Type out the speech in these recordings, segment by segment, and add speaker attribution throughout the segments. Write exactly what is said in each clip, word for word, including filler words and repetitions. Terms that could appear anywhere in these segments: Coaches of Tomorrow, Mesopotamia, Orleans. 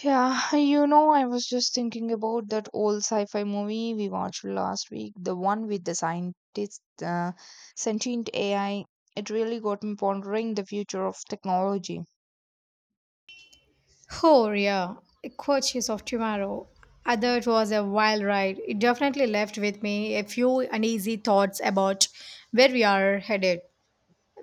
Speaker 1: Yeah, you know, I was just thinking about that old sci-fi movie we watched last week, the one with the scientist, uh, sentient A I. It really got me pondering the future of technology.
Speaker 2: Oh, yeah, Coaches of Tomorrow. Uh, it was a wild ride. It definitely left with me a few uneasy thoughts about where we are headed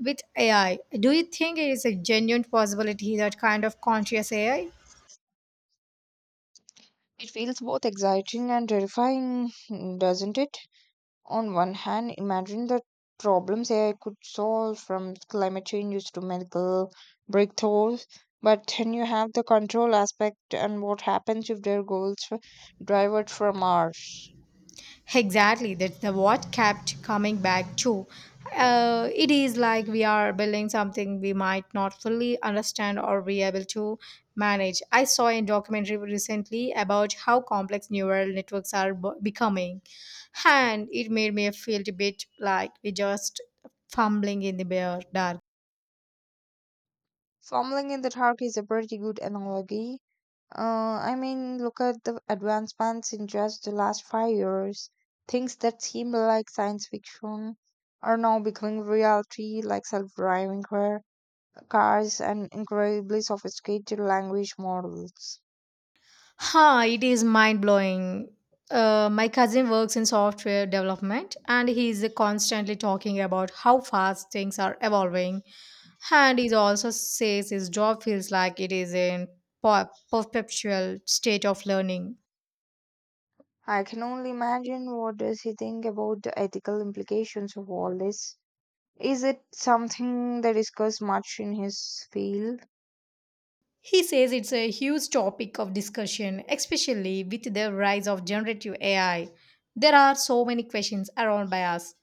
Speaker 2: with A I. Do you think it is a genuine possibility that kind of conscious A I?
Speaker 1: It feels both exciting and terrifying, doesn't it? On one hand, imagine the problems A I could solve from climate changes to medical breakthroughs. But then you have the control aspect and what happens if their goals f- divert from ours.
Speaker 2: Exactly, that's the what kept coming back to. Uh, it is like we are building something we might not fully understand or be able to manage. I saw a documentary recently about how complex neural networks are b- becoming, and it made me feel a bit like we just fumbling in the bare dark.
Speaker 1: Fumbling in the dark is a pretty good analogy. Uh, I mean, look at the advancements in just the last five years. Things that seemed like science fiction are now becoming reality, like self driving car cars, and incredibly sophisticated language models.
Speaker 2: Huh, it is mind blowing. Uh, my cousin works in software development and he's constantly talking about how fast things are evolving. And he also says his job feels like it is in per- perpetual state of learning.
Speaker 1: I can only imagine what does he think about the ethical implications of all this. Is it something they discuss much in his field?
Speaker 2: He says it's a huge topic of discussion, especially with the rise of generative A I. There are so many questions around bias,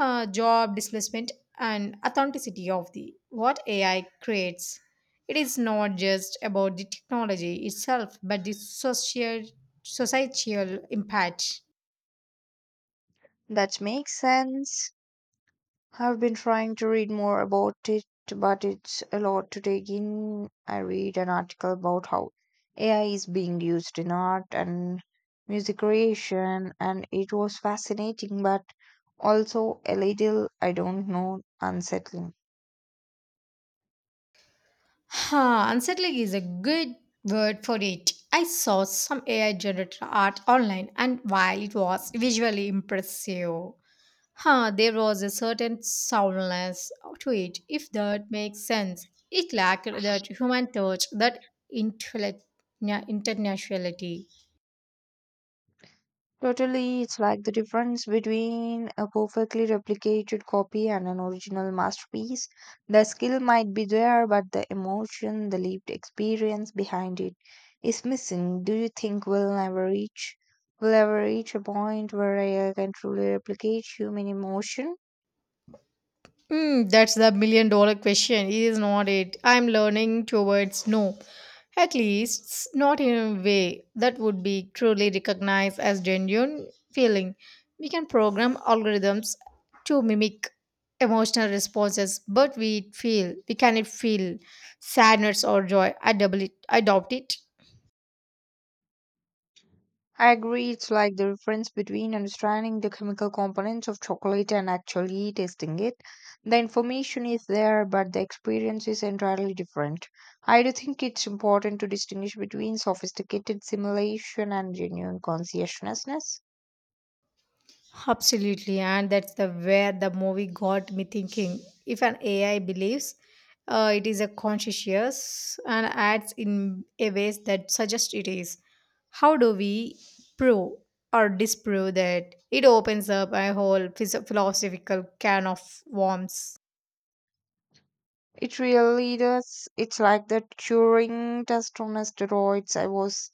Speaker 2: uh, job displacement, and authenticity of the what A I creates. It is not just about the technology itself, but the social societal impact.
Speaker 1: That makes sense. I've been trying to read more about it, but it's a lot to take in. I read an article about how A I is being used in art and music creation, and it was fascinating, but also a little, I don't know, unsettling.
Speaker 2: Huh, unsettling is a good word for it. I saw some A I generated art online, and while it was visually impressive, huh, there was a certain soundness to it, if that makes sense. It lacked that human touch, that intellect, yeah, internationality.
Speaker 1: Totally, it's like the difference between a perfectly replicated copy and an original masterpiece. The skill might be there, but the emotion, the lived experience behind it is missing. Do you think we'll never reach we'll ever reach a point where A I can truly replicate human emotion?
Speaker 2: Mm, that's the million dollar question, is not it? I'm learning towards no. At least s- not in a way that would be truly recognized as genuine feeling. We can program algorithms to mimic emotional responses, but we feel we cannot feel sadness or joy. I double it, I doubt it.
Speaker 1: I agree, it's like the difference between understanding the chemical components of chocolate and actually tasting it. The information is there, but the experience is entirely different. I do think it's important to distinguish between sophisticated simulation and genuine conscientiousness.
Speaker 2: Absolutely, and that's the where the movie got me thinking. If an A I believes uh, it is a conscious and acts in a ways that suggest it is, how do we prove or disprove that? It opens up a whole phys- philosophical can of worms.
Speaker 1: It really does. It's like the Turing test on steroids. I was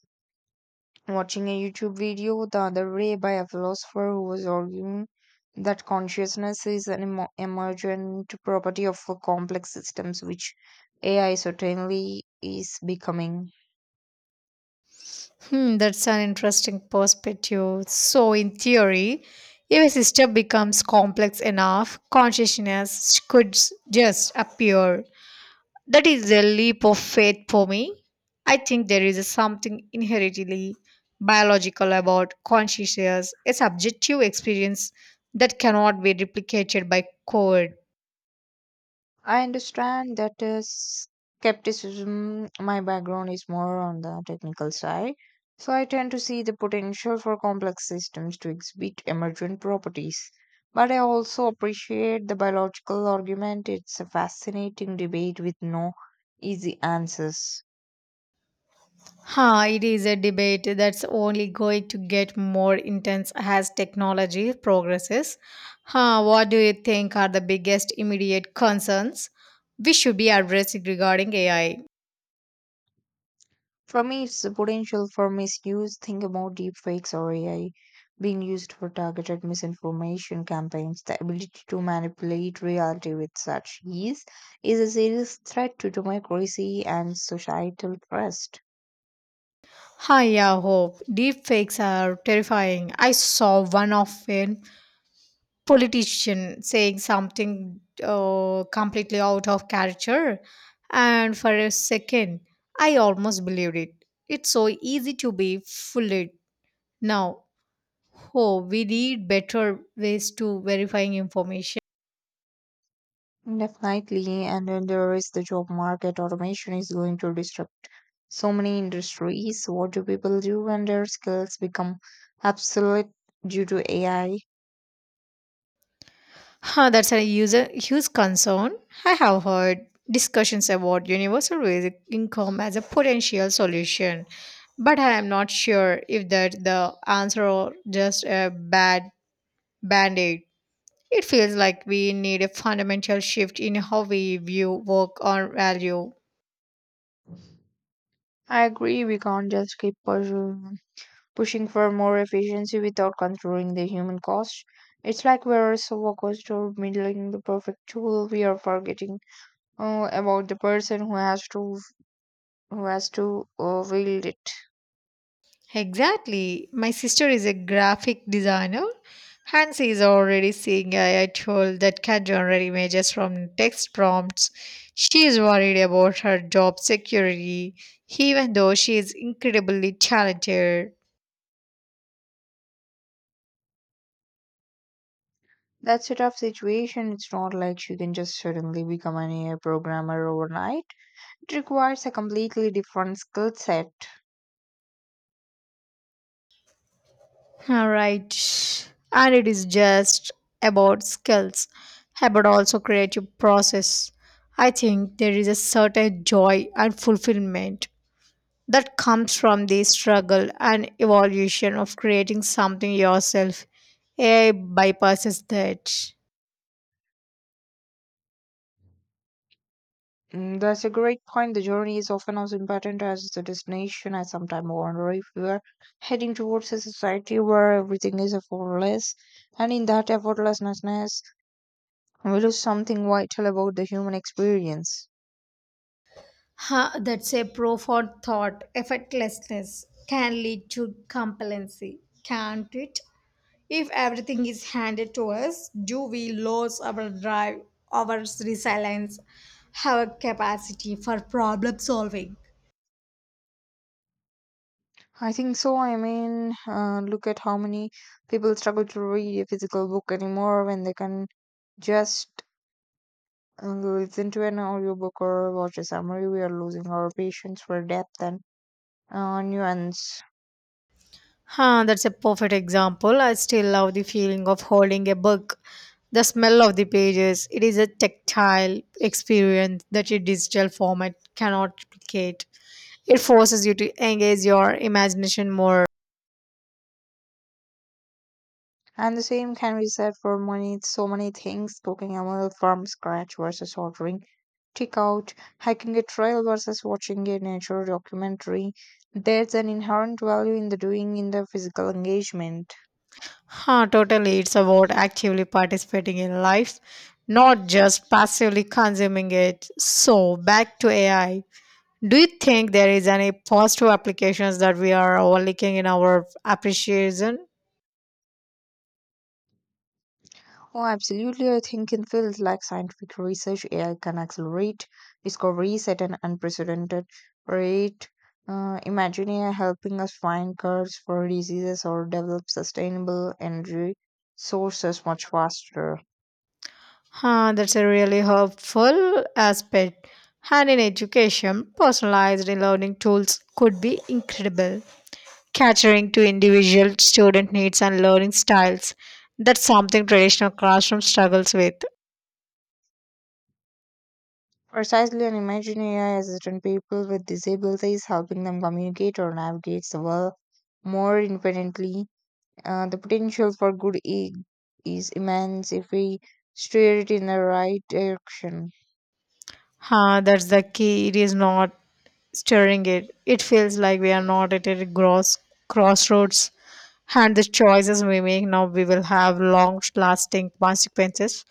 Speaker 1: watching a YouTube video the other day by a philosopher who was arguing that consciousness is an emo- emergent property of a complex systems, which A I certainly is becoming.
Speaker 2: Hmm, that's an interesting perspective. So, in theory, if a system becomes complex enough, consciousness could s- just appear. That is a leap of faith for me. I think there is something inherently biological about consciousness, a subjective experience that cannot be replicated by code.
Speaker 1: I understand that is skepticism. My background is more on the technical side, so I tend to see the potential for complex systems to exhibit emergent properties. But I also appreciate the biological argument. It's a fascinating debate with no easy answers.
Speaker 2: Huh, it is a debate that's only going to get more intense as technology progresses. Huh, what do you think are the biggest immediate concerns we should be addressing regarding A I?
Speaker 1: For me, it's the potential for misuse. Think about deepfakes or A I being used for targeted misinformation campaigns. The ability to manipulate reality with such ease is a serious threat to democracy and societal trust.
Speaker 2: Hi, yeah, Hope. Deepfakes are terrifying. I saw one of an politician saying something uh, completely out of character, and for a second, I almost believed it. It's so easy to be fooled now. Oh, we need better ways to verifying information.
Speaker 1: Definitely, and then there is the job market. Automation is going to disrupt so many industries. What do people do when their skills become obsolete due to A I?
Speaker 2: Huh, that's a user huge concern. I have heard discussions about universal basic income as a potential solution, but I am not sure if that the answer or just a bad band-aid. It feels like we need a fundamental shift in how we view work or value.
Speaker 1: I I agree, we can't just keep pursuing pushing for more efficiency without controlling the human cost. It's like we're so focused on building the perfect tool, we are forgetting uh, about the person who has to who has to uh, wield it.
Speaker 2: Exactly. My sister is a graphic designer, and she is already seeing A I tool that can generate images from text prompts. She is worried about her job security, even though she is incredibly talented.
Speaker 1: That's a tough situation. It's not like you can just suddenly become an A I programmer overnight. It requires a completely different skill set.
Speaker 2: All right. And it is just about skills, about also creative process. I think there is a certain joy and fulfillment that comes from the struggle and evolution of creating something yourself. A I bypasses that.
Speaker 1: Mm, that's a great point. The journey is often as important as the destination. I sometimes wonder if we are heading towards a society where everything is effortless, and in that effortlessness, we lose something vital about the human experience.
Speaker 2: Huh? That's a profound thought. Effortlessness can lead to complacency, can't it? If everything is handed to us, do we lose our drive, our resilience, our capacity for problem solving?
Speaker 1: I think so. I mean, uh, look at how many people struggle to read a physical book anymore when they can just uh, listen to an audiobook or watch a summary. We are losing our patience for depth and uh, nuance.
Speaker 2: Huh, that's a perfect example. I still love the feeling of holding a book, the smell of the pages. It is a tactile experience that a digital format cannot replicate. It forces you to engage your imagination more.
Speaker 1: And the same can be said for many, so many things cooking a meal from scratch versus ordering takeout, hiking a trail versus watching a nature documentary. There's an inherent value in the doing in the physical engagement.
Speaker 2: Huh, totally. It's about actively participating in life, not just passively consuming it. So, back to A I. Do you think there is any positive applications that we are overlooking in our appreciation?
Speaker 1: Oh, absolutely. I think in fields like scientific research, A I can accelerate discoveries at an unprecedented rate. Uh, imagine A I helping us find cures for diseases or develop sustainable energy sources much faster.
Speaker 2: Huh, that's a really helpful aspect. And in education, personalized learning tools could be incredible, catering to individual student needs and learning styles. That's something traditional classroom struggles with.
Speaker 1: Precisely, and imagine A I assistant people with disabilities helping them communicate or navigate the world more independently. Uh, the potential for good i- is immense if we steer it in the right direction.
Speaker 2: Huh, that's the key. It is not stirring it. It feels like we are not at a gross crossroads, and the choices we make now we will have long-lasting consequences.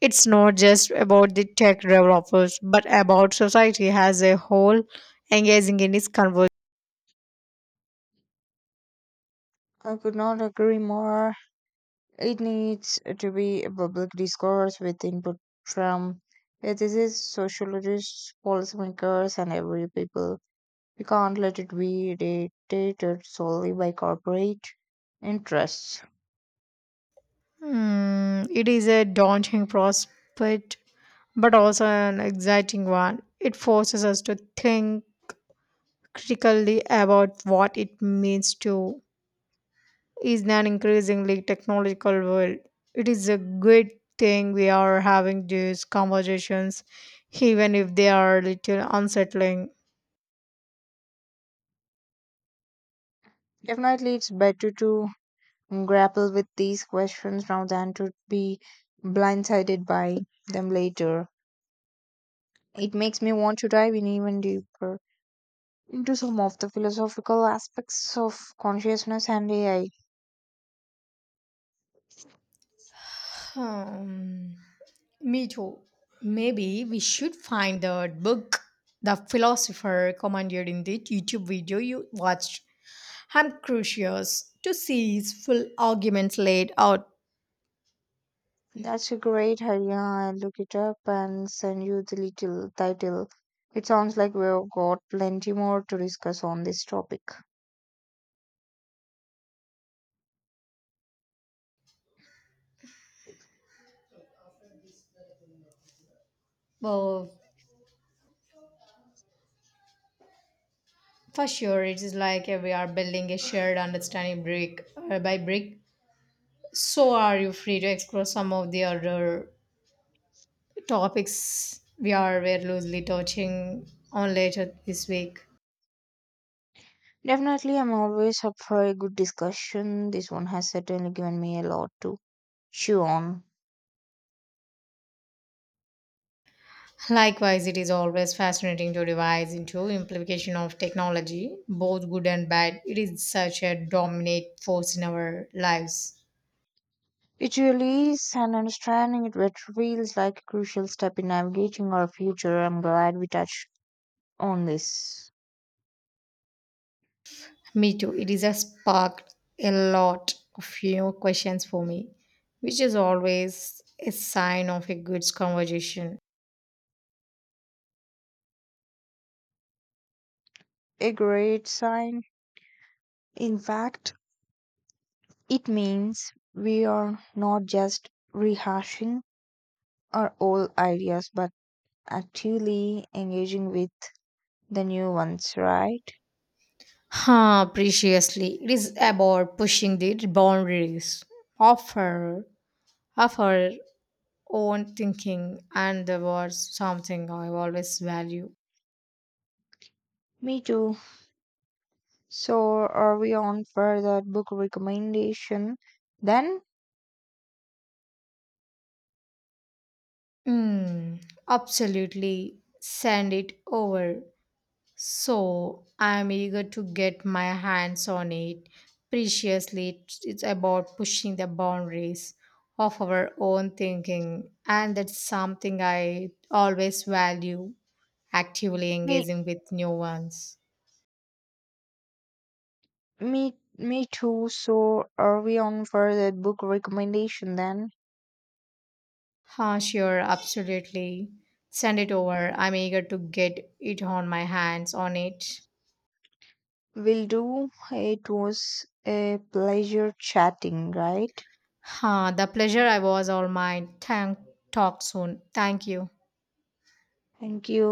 Speaker 2: It's not just about the tech developers, but about society as a whole engaging in this conversation.
Speaker 1: I could not agree more. It needs to be a public discourse with input from ethicists, sociologists, policymakers, and every people. We can't let it be dictated solely by corporate interests.
Speaker 2: Hmm, it is a daunting prospect, but also an exciting one. It forces us to think critically about what it means to is an increasingly technological world. It is a good thing we are having these conversations, even if they are a little unsettling.
Speaker 1: Definitely, it's better to grapple with these questions now than to be blindsided by them later. It makes me want to dive in even deeper into some of the philosophical aspects of consciousness and A I.
Speaker 2: Um, Me too. Maybe we should find the book the philosopher commanded in the YouTube video you watched. I'm curious to see his full arguments laid out.
Speaker 1: That's a great idea. I'll look it up and send you the little title. It sounds like we've got plenty more to discuss on this topic.
Speaker 2: Well, for sure, it is like uh, we are building a shared understanding brick uh, by brick. So, are you free to explore some of the other topics we are were loosely touching on later this week?
Speaker 1: Definitely, I'm always up for a good discussion. This one has certainly given me a lot to chew on.
Speaker 2: Likewise, it is always fascinating to revise into implication of technology, both good and bad. It is such a dominant force in our lives.
Speaker 1: It really is and understanding it which feels like a crucial step in navigating our future. I'm glad we touched on this.
Speaker 2: Me too. It has sparked a lot of you know, questions for me, which is always a sign of a good conversation.
Speaker 1: A great sign. In fact, it means we are not just rehashing our old ideas but actually engaging with the new ones, right?
Speaker 2: Huh, preciously. It is about pushing the boundaries of her, of her own thinking, and there was something I always value.
Speaker 1: Me too. So, are we on for that book recommendation? Then
Speaker 2: Mm, absolutely. Send it over. So I'm eager to get my hands on it. Preciously, it's it's about pushing the boundaries of our own thinking, and that's something I always value actively
Speaker 1: we
Speaker 2: engaging with new ones.
Speaker 1: Me, me too. So are we on for the book recommendation then?
Speaker 2: Huh, sure, absolutely. Send it over. I'm eager to get it on my hands on it.
Speaker 1: Will do. It was a pleasure chatting, right?
Speaker 2: Huh, the pleasure I was all mine. Thank, talk soon. Thank you.
Speaker 1: Thank you.